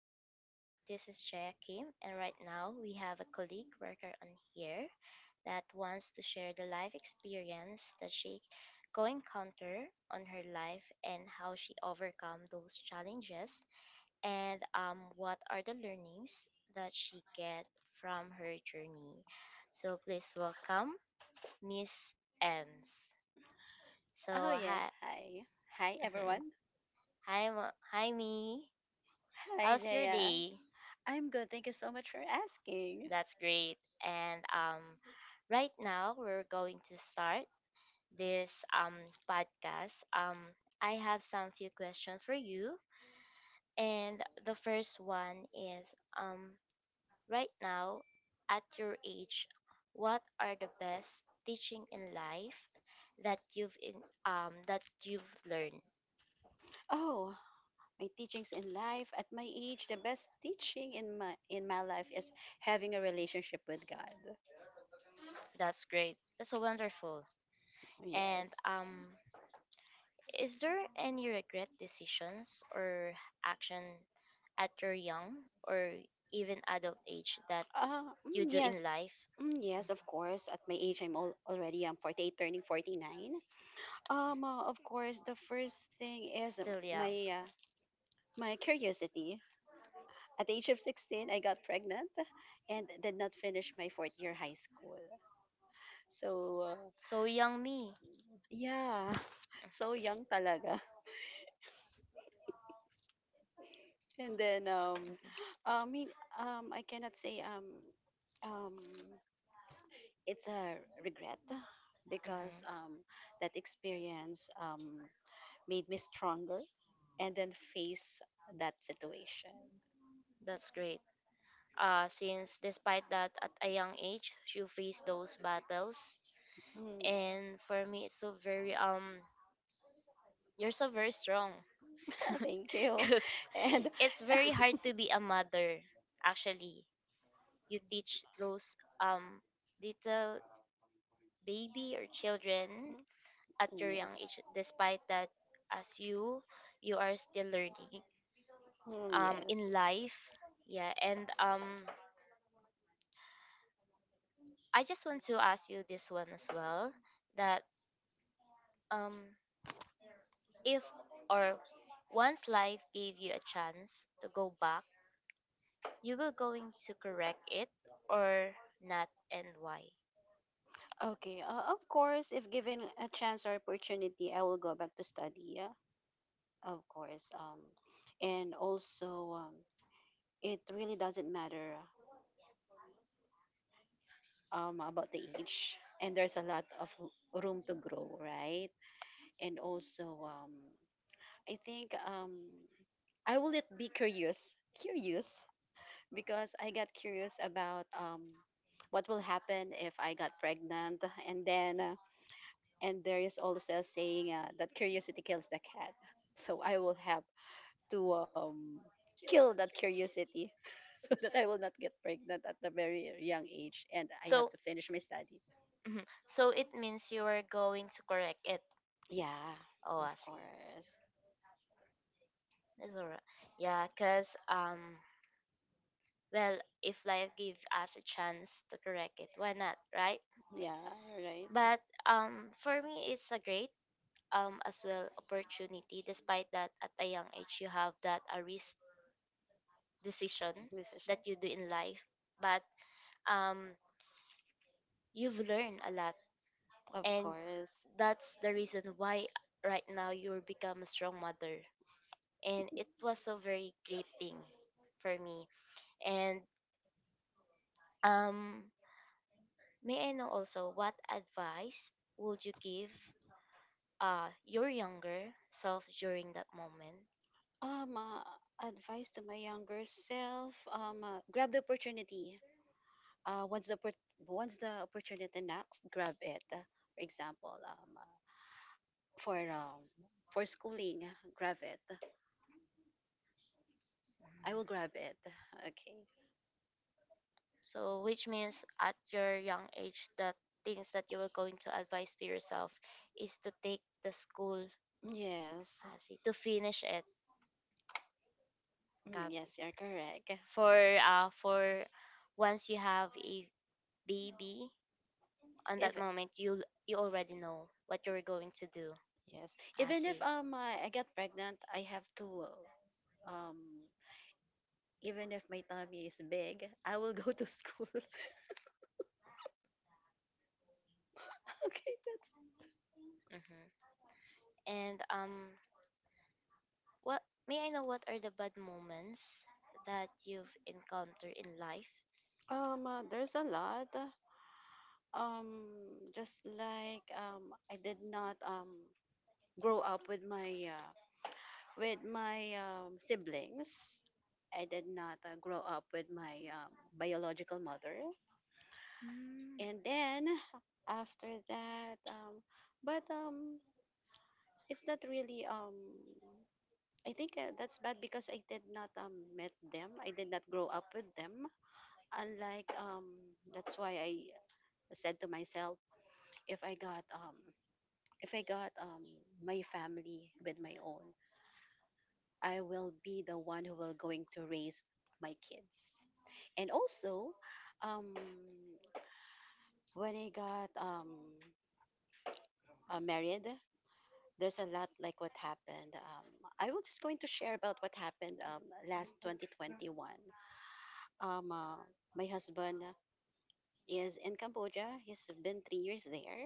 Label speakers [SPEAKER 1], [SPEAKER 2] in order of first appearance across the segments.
[SPEAKER 1] podcast. This is Jaya Kim, and right now we have a colleague worker on here that wants to share the life experience that she go encounter on her life and how she overcome those challenges and what are the learnings that she get from her journey. So please welcome Miss Ems.
[SPEAKER 2] Oh,
[SPEAKER 1] So
[SPEAKER 2] yes.
[SPEAKER 1] hi,
[SPEAKER 2] Hi. Hi, everyone.
[SPEAKER 1] hi, hi, me.
[SPEAKER 2] Hi,
[SPEAKER 1] How's your
[SPEAKER 2] Jaya.
[SPEAKER 1] day?
[SPEAKER 2] I'm good. Thank you so much for asking.
[SPEAKER 1] That's great. And Right now we're going to start this podcast. I have some few questions for you. And the first one is um right now, at your age, what are the best teaching in life that you've learned?
[SPEAKER 2] Oh, my teachings in life at my age, the best teaching in my life is having a relationship with God.
[SPEAKER 1] That's great. That's so wonderful. And
[SPEAKER 2] Yes.
[SPEAKER 1] um is there any regret decisions or action at your young or even adult age that you do in
[SPEAKER 2] Yes.
[SPEAKER 1] life?
[SPEAKER 2] Yes, of course. At my age, already I'm 48 turning 49. Of course, the first thing is
[SPEAKER 1] Still young.
[SPEAKER 2] my my curiosity. At the age of 16, I got pregnant, and did not finish my fourth year high school. So,
[SPEAKER 1] So young me.
[SPEAKER 2] yeah, so young talaga. And then, I mean, I cannot say um, it's a regret because,
[SPEAKER 1] Hmm.
[SPEAKER 2] that experience, made me stronger and then face that situation.
[SPEAKER 1] That's great. Since despite that, at a young age, you face those battles,
[SPEAKER 2] Yes.
[SPEAKER 1] and for me, it's so very you're so very strong,
[SPEAKER 2] Thank you.
[SPEAKER 1] cause
[SPEAKER 2] And
[SPEAKER 1] it's very hard to be a mother. Actually, you teach those um little baby or children at your
[SPEAKER 2] Yes.
[SPEAKER 1] young age, despite that as you are still learning
[SPEAKER 2] Yes.
[SPEAKER 1] in life, yeah, and I just want to ask you this one as well, that um if or once life gave you a chance to go back, you will going to correct it or not, and why?
[SPEAKER 2] Okay. Of course, if given a chance or opportunity, I will go back to study. Yeah, of course. And also, it really doesn't matter about the age, and there's a lot of room to grow, right? And also, I think I will let be curious because I got curious about, what will happen if I got pregnant, and then and there is also a saying that curiosity kills the cat. So I will have to, kill that curiosity, so that I will not get pregnant at a very young age, and I have
[SPEAKER 1] So
[SPEAKER 2] to finish my study.
[SPEAKER 1] so it means you are going to correct it.
[SPEAKER 2] Yeah,
[SPEAKER 1] Oh, I
[SPEAKER 2] of
[SPEAKER 1] see.
[SPEAKER 2] course.
[SPEAKER 1] It's all right. Yeah, because, well, if life give us a chance to correct it, why not, right?
[SPEAKER 2] Yeah, you're right.
[SPEAKER 1] But for me, it's a great as well opportunity. Despite that, at a young age, you have that a risk decision
[SPEAKER 2] This is
[SPEAKER 1] that
[SPEAKER 2] it.
[SPEAKER 1] you do in life, but um, you've learned a lot,
[SPEAKER 2] Of
[SPEAKER 1] and
[SPEAKER 2] course.
[SPEAKER 1] that's the reason why right now you're become a strong mother, and it was a very great thing for me. And um may I know also what advice would you give your younger self during that moment?
[SPEAKER 2] Um, uh, Advice to my younger self: grab the opportunity. Uh, once the oppor- Once the opportunity knocks, grab it. For example, for,
[SPEAKER 1] Mm-hmm.
[SPEAKER 2] for schooling, grab it. I will grab it. Okay.
[SPEAKER 1] So, which means at your young age, the things that you were going to advise to yourself is to take the school,
[SPEAKER 2] Yes.
[SPEAKER 1] see, to finish it, copy.
[SPEAKER 2] Yes, you're correct.
[SPEAKER 1] For once you have a baby, on that
[SPEAKER 2] Even
[SPEAKER 1] moment you you already know what you're going to do.
[SPEAKER 2] Yes,
[SPEAKER 1] I
[SPEAKER 2] even if
[SPEAKER 1] see.
[SPEAKER 2] I get pregnant, I have to, even if my tummy is big, I will go to school. Okay, that's
[SPEAKER 1] Hmm. And What, may I know what are the bad moments that you've encountered in life?
[SPEAKER 2] there's a lot. Um just like, I did not grow up with my, with my, siblings. I did not, grow up with my, biological mother.
[SPEAKER 1] Mm.
[SPEAKER 2] And then after that, but it's not really, I think that's bad because I did not met them. I did not grow up with them. Unlike, that's why I said to myself, if I got if I got, my family with my own, I will be the one who will going to raise my kids. And also, um when I got married, there's a lot like what happened. I will just going to share about what happened last 2021. Um, uh, my husband is in Cambodia. He's been 3 years there.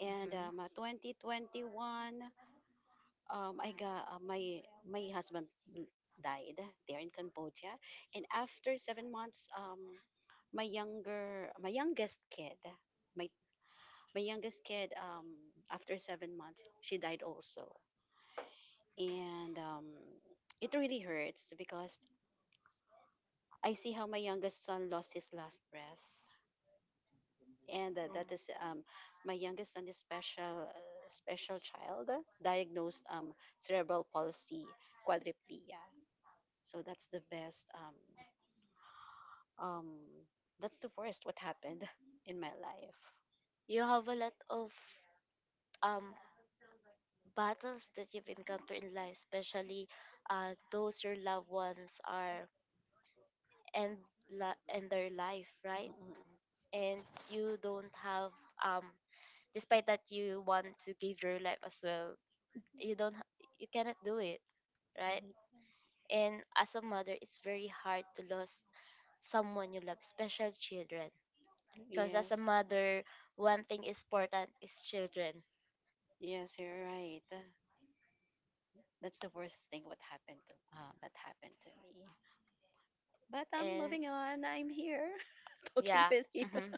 [SPEAKER 2] And
[SPEAKER 1] Mm-hmm.
[SPEAKER 2] 2021, I got, my my husband l- died there in Cambodia, and after 7 months, my youngest kid, my my youngest kid, after 7 months, she died also, and, it really hurts because I see how my youngest son lost his last breath, and that is, my youngest son is special, special child, diagnosed, cerebral palsy, quadriplegia. So that's the best um um that's the worst what happened in my life.
[SPEAKER 1] You have a lot of um battles that you've encountered in life, especially those your loved ones are and and their life, right,
[SPEAKER 2] Mm-mm.
[SPEAKER 1] and you don't have um despite that you want to give your life as well, you don't you cannot do it, right? And as a mother, it's very hard to lose someone you love, special children, because as a
[SPEAKER 2] Yes.
[SPEAKER 1] mother, one thing is important is children.
[SPEAKER 2] Yes, you're right. That's the worst thing what happened to that happened to me. But I'm
[SPEAKER 1] And
[SPEAKER 2] moving on. I'm here talking
[SPEAKER 1] yeah.
[SPEAKER 2] with you.
[SPEAKER 1] Mhm.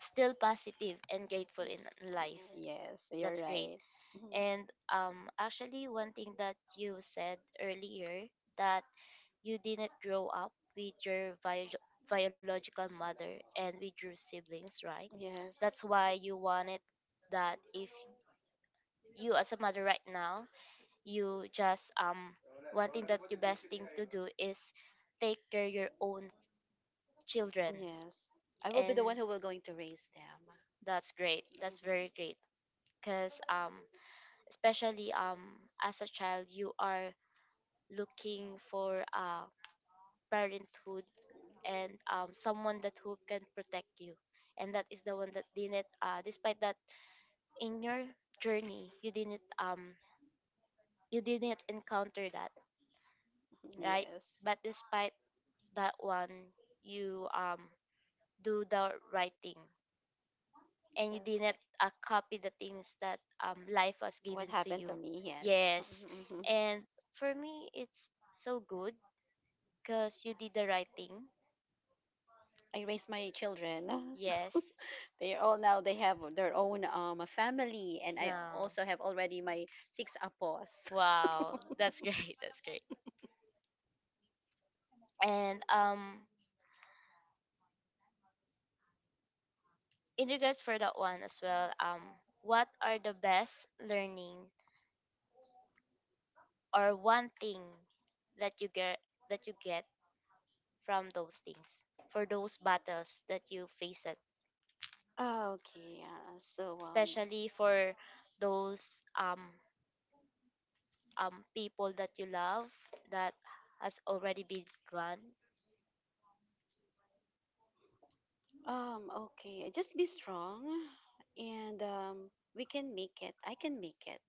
[SPEAKER 1] Still positive and grateful in life.
[SPEAKER 2] Yes, you're
[SPEAKER 1] That's great.
[SPEAKER 2] right. Mhm.
[SPEAKER 1] And actually one thing that you said earlier, that you didn't grow up with your biological mother and with your siblings, right?
[SPEAKER 2] Yes.
[SPEAKER 1] That's why you wanted that if you as a mother right now, you just wanting that the best thing to do is take care your own children.
[SPEAKER 2] Yes. I will be
[SPEAKER 1] And
[SPEAKER 2] the one who will going to raise them.
[SPEAKER 1] that's great.
[SPEAKER 2] Mhm.
[SPEAKER 1] That's very great. Because especially as a child, you are looking for a parenthood and someone that who can protect you, and that is the one that didn't, despite that in your journey you didn't encounter that, right?
[SPEAKER 2] Yes.
[SPEAKER 1] But despite that one, you do the right thing, and you
[SPEAKER 2] Yes.
[SPEAKER 1] didn't copy the things that life has given
[SPEAKER 2] What
[SPEAKER 1] to
[SPEAKER 2] happened
[SPEAKER 1] you.
[SPEAKER 2] to me? Yes.
[SPEAKER 1] Yes.
[SPEAKER 2] Mhm.
[SPEAKER 1] And for me, it's so good because you did the right thing.
[SPEAKER 2] I raised my children.
[SPEAKER 1] Yes.
[SPEAKER 2] They all now they have their own family, and I
[SPEAKER 1] No.
[SPEAKER 2] also have already my six apos.
[SPEAKER 1] Wow, that's great. That's great. And In regards for that one as well, what are the best learning or one thing that you get that you get from those things, for those battles that you face it,
[SPEAKER 2] Okay. Yeah.
[SPEAKER 1] especially for those people that you love that has already been gone.
[SPEAKER 2] Okay, just be strong, and, we can make it. I can make it,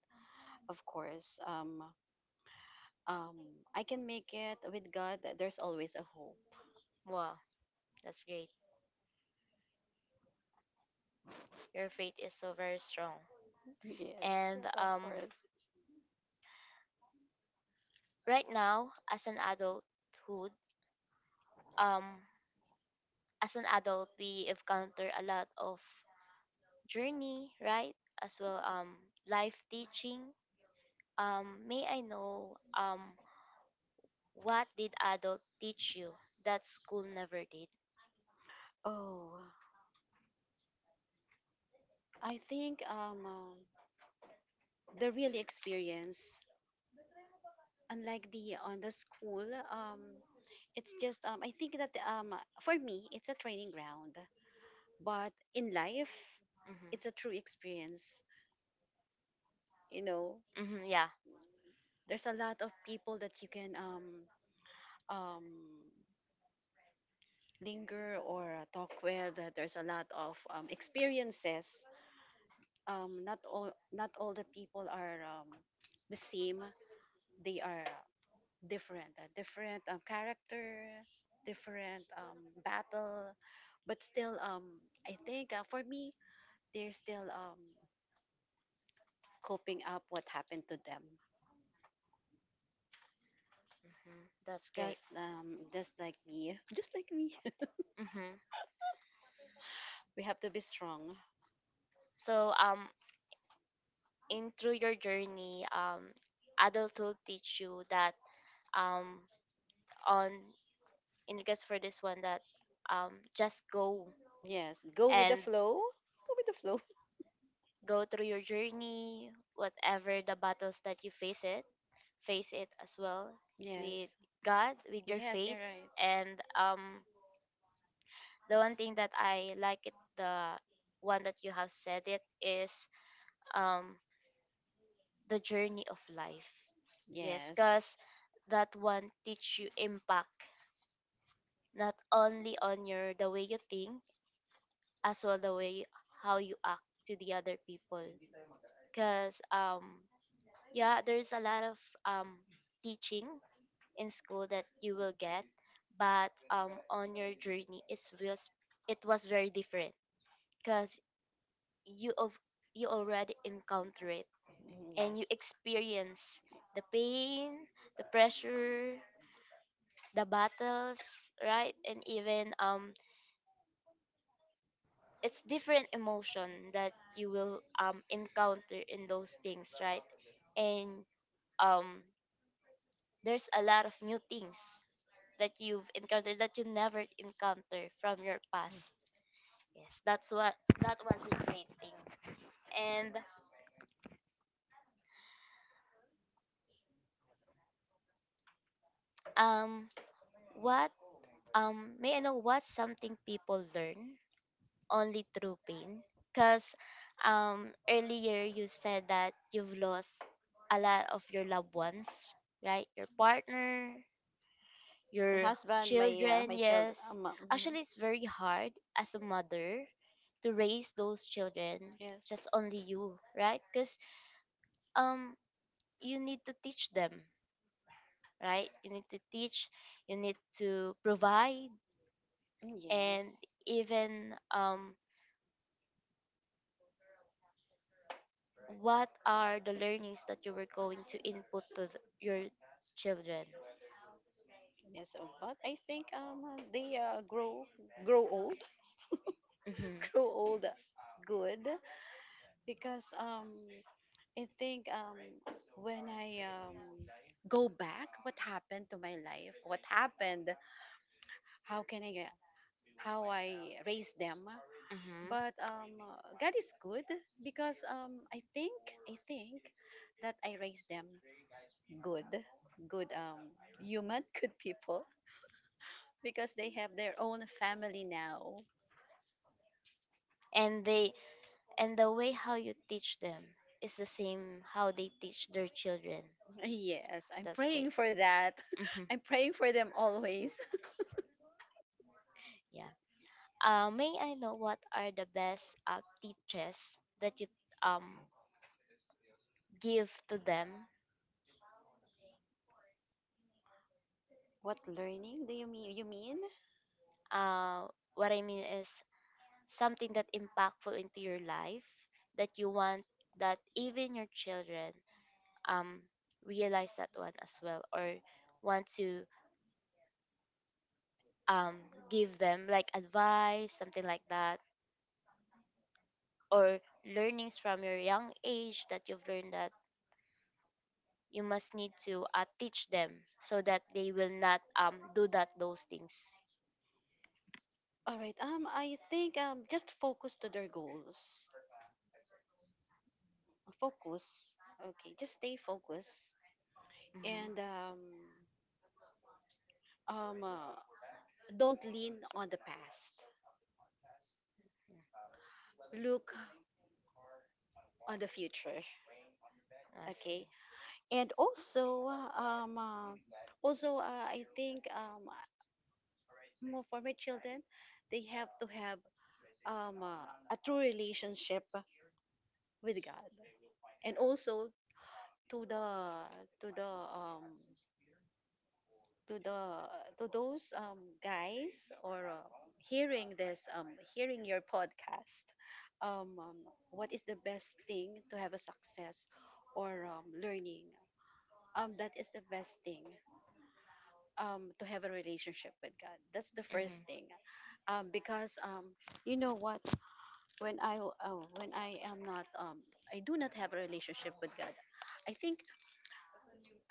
[SPEAKER 2] of course. Um, I can make it with God. There's always a hope.
[SPEAKER 1] Wow, that's great. Your faith is so very strong.
[SPEAKER 2] Yes,
[SPEAKER 1] and
[SPEAKER 2] of
[SPEAKER 1] um
[SPEAKER 2] course.
[SPEAKER 1] right now, as an adulthood, um as an adult we encounter a lot of journey, right, as well life teaching. May I know what did adult teach you that school never did?
[SPEAKER 2] Oh, I think, the real experience, unlike the on the school, it's just, I think that, for me it's a training ground, but in life,
[SPEAKER 1] Mhm.
[SPEAKER 2] it's a true experience. You know,
[SPEAKER 1] Mhm. Yeah.
[SPEAKER 2] there's a lot of people that you can, um linger or, talk with, that there's a lot of, experiences, not all the people are, the same. They are different, different, character, different, battle, but still, I think, for me, they're still, coping up what happened to them,
[SPEAKER 1] Mhm. That's great.
[SPEAKER 2] just, just like me just like me.
[SPEAKER 1] Mhm.
[SPEAKER 2] We have to be strong.
[SPEAKER 1] So in through your journey, adulthood teach you that um on, in regards for this one, that just go
[SPEAKER 2] Yes, go with the
[SPEAKER 1] and
[SPEAKER 2] flow. Go with the flow.
[SPEAKER 1] go through your journey, whatever the battles that you face it as well with
[SPEAKER 2] Yes.
[SPEAKER 1] God, with your
[SPEAKER 2] Yes, you're
[SPEAKER 1] faith.
[SPEAKER 2] right.
[SPEAKER 1] And the one thing that I like it, the one that you have said it is, um the journey of life. Yes,
[SPEAKER 2] Yes.
[SPEAKER 1] cause that one teach you impact not only on your the way you think, as well the way how you act to the other people, because yeah, there's a lot of um teaching in school that you will get, but on your journey it's was it was very different, because you of you already encounter it
[SPEAKER 2] Mhm,
[SPEAKER 1] and you
[SPEAKER 2] Yes.
[SPEAKER 1] experience the pain, the pressure, the battles, right? And even it's different emotion that you will encounter in those things, right? And um there's a lot of new things that you've encountered that you never encounter from your past. Yes, that's what, that was a great thing. And um what, may I know what's something people learn only through pain? Because earlier you said that you've lost a lot of your loved ones, right? Your partner,
[SPEAKER 2] My
[SPEAKER 1] your
[SPEAKER 2] husband, my,
[SPEAKER 1] children.
[SPEAKER 2] my children.
[SPEAKER 1] Yes.
[SPEAKER 2] Mhm.
[SPEAKER 1] Actually, it's very hard as a mother to raise those children
[SPEAKER 2] Yes.
[SPEAKER 1] just only you, right? Because um, you need to teach them, right? You need to teach, you need to provide, and
[SPEAKER 2] Yes.
[SPEAKER 1] even what are the learnings that you were going to input to your children?
[SPEAKER 2] Yes. Oh, but I think they grow old,
[SPEAKER 1] Mm-hmm.
[SPEAKER 2] grow old good, because, I think, when I, go back, what happened to my life? What happened? How can I? How I raise them?
[SPEAKER 1] Mm-hmm.
[SPEAKER 2] But, God is good because, I think that I raise them good, good, human, good people, because they have their own family now.
[SPEAKER 1] And they, and the way how you teach them is the same how they teach their children.
[SPEAKER 2] Yes, I'm
[SPEAKER 1] That's great.
[SPEAKER 2] praying for that.
[SPEAKER 1] Hmm.
[SPEAKER 2] I'm praying for them always.
[SPEAKER 1] Yeah. May I know what are the best teachers that you um give to them?
[SPEAKER 2] What learning do you mean? You mean?
[SPEAKER 1] Uh, what I mean is something that impactful into your life, that you want that even your children um realize that one as well, or want to um give them like advice, something like that, or learnings from your young age that you've learned that you must need to teach them, so that they will not do that those things.
[SPEAKER 2] All right. I think, just focus to their goals. Focus. Okay, just stay focused
[SPEAKER 1] Hmm.
[SPEAKER 2] and, um, uh, don't lean on the past. Look on the future.
[SPEAKER 1] I see.
[SPEAKER 2] Okay, and also also I think, for my children, they have to have, a true relationship with God, and also to the to the um, to the, to those, guys or, hearing this, hearing your podcast, um, um, what is the best thing to have a success or, learning, that is the best thing, to have a relationship with God. That's the
[SPEAKER 1] Hmm.
[SPEAKER 2] first thing, because, you know what, when I when I am not, I do not have a relationship with God, I think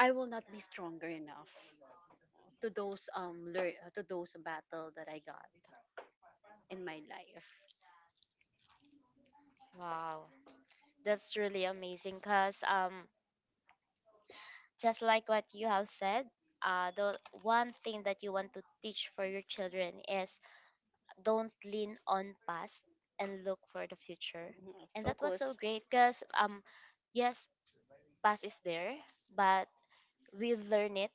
[SPEAKER 2] I will not be stronger enough to those to those battle that I got in my life.
[SPEAKER 1] Wow, that's really amazing, because just like what you have said, the one thing that you want to teach for your children is don't lean on past and look for the future.
[SPEAKER 2] Mhm.
[SPEAKER 1] And that was
[SPEAKER 2] Focus.
[SPEAKER 1] so great because yes, past is there, but we learn it.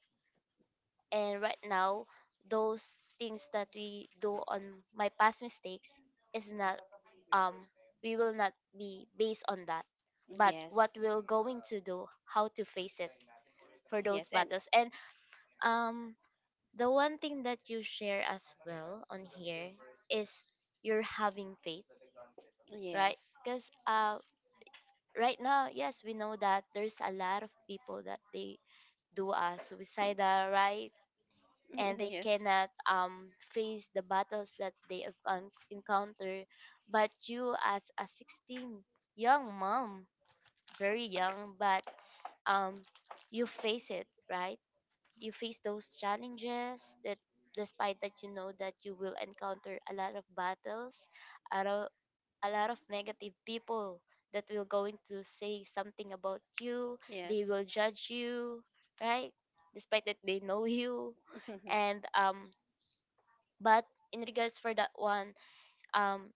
[SPEAKER 1] And right now, those things that we do on my past mistakes is not um we will not be based on that, but
[SPEAKER 2] Yes.
[SPEAKER 1] what we're going to do, how to face it for
[SPEAKER 2] Yes.
[SPEAKER 1] those
[SPEAKER 2] And
[SPEAKER 1] battles. And um the one thing that you share as well on here is you're having faith, right?
[SPEAKER 2] yes.
[SPEAKER 1] Because right now, yes, we know that there's a lot of people that they do suicidal, right? And they
[SPEAKER 2] Yes.
[SPEAKER 1] cannot face the battles that they have encounter. But you, as a 16 young mom, very young, but um, you face it, right? You face those challenges, that despite that you know that you will encounter a lot of battles, a lot, a lot of negative people that will going to say something about you,
[SPEAKER 2] Yes.
[SPEAKER 1] they will judge you, right, despite that they know you. And but in regards for that one, um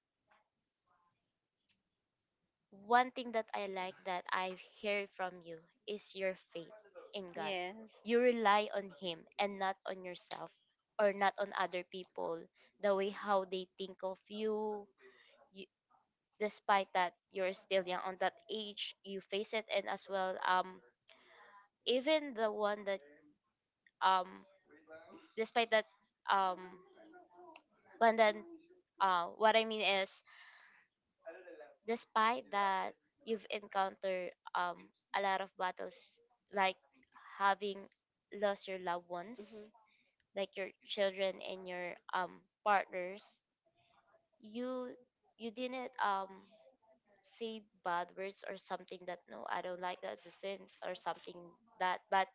[SPEAKER 1] one thing that I like that I hear from you is your faith in God.
[SPEAKER 2] Yes.
[SPEAKER 1] You rely on Him and not on yourself or not on other people, the way how they think of you. You, despite that you're still young on that age, you face it, and as well, even the one that um, despite that um, one that, what I mean is, despite that you've encountered um a lot of battles, like having lost your loved ones,
[SPEAKER 2] Mhm.
[SPEAKER 1] like your children and your partners, you you didn't say bad words or something, that no, I don't like that this thing or something that, but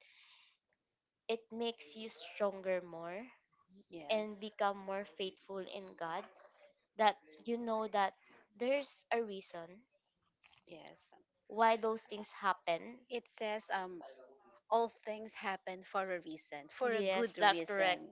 [SPEAKER 2] Yes. Yes. It says, all things happen for a reason, for a good reason.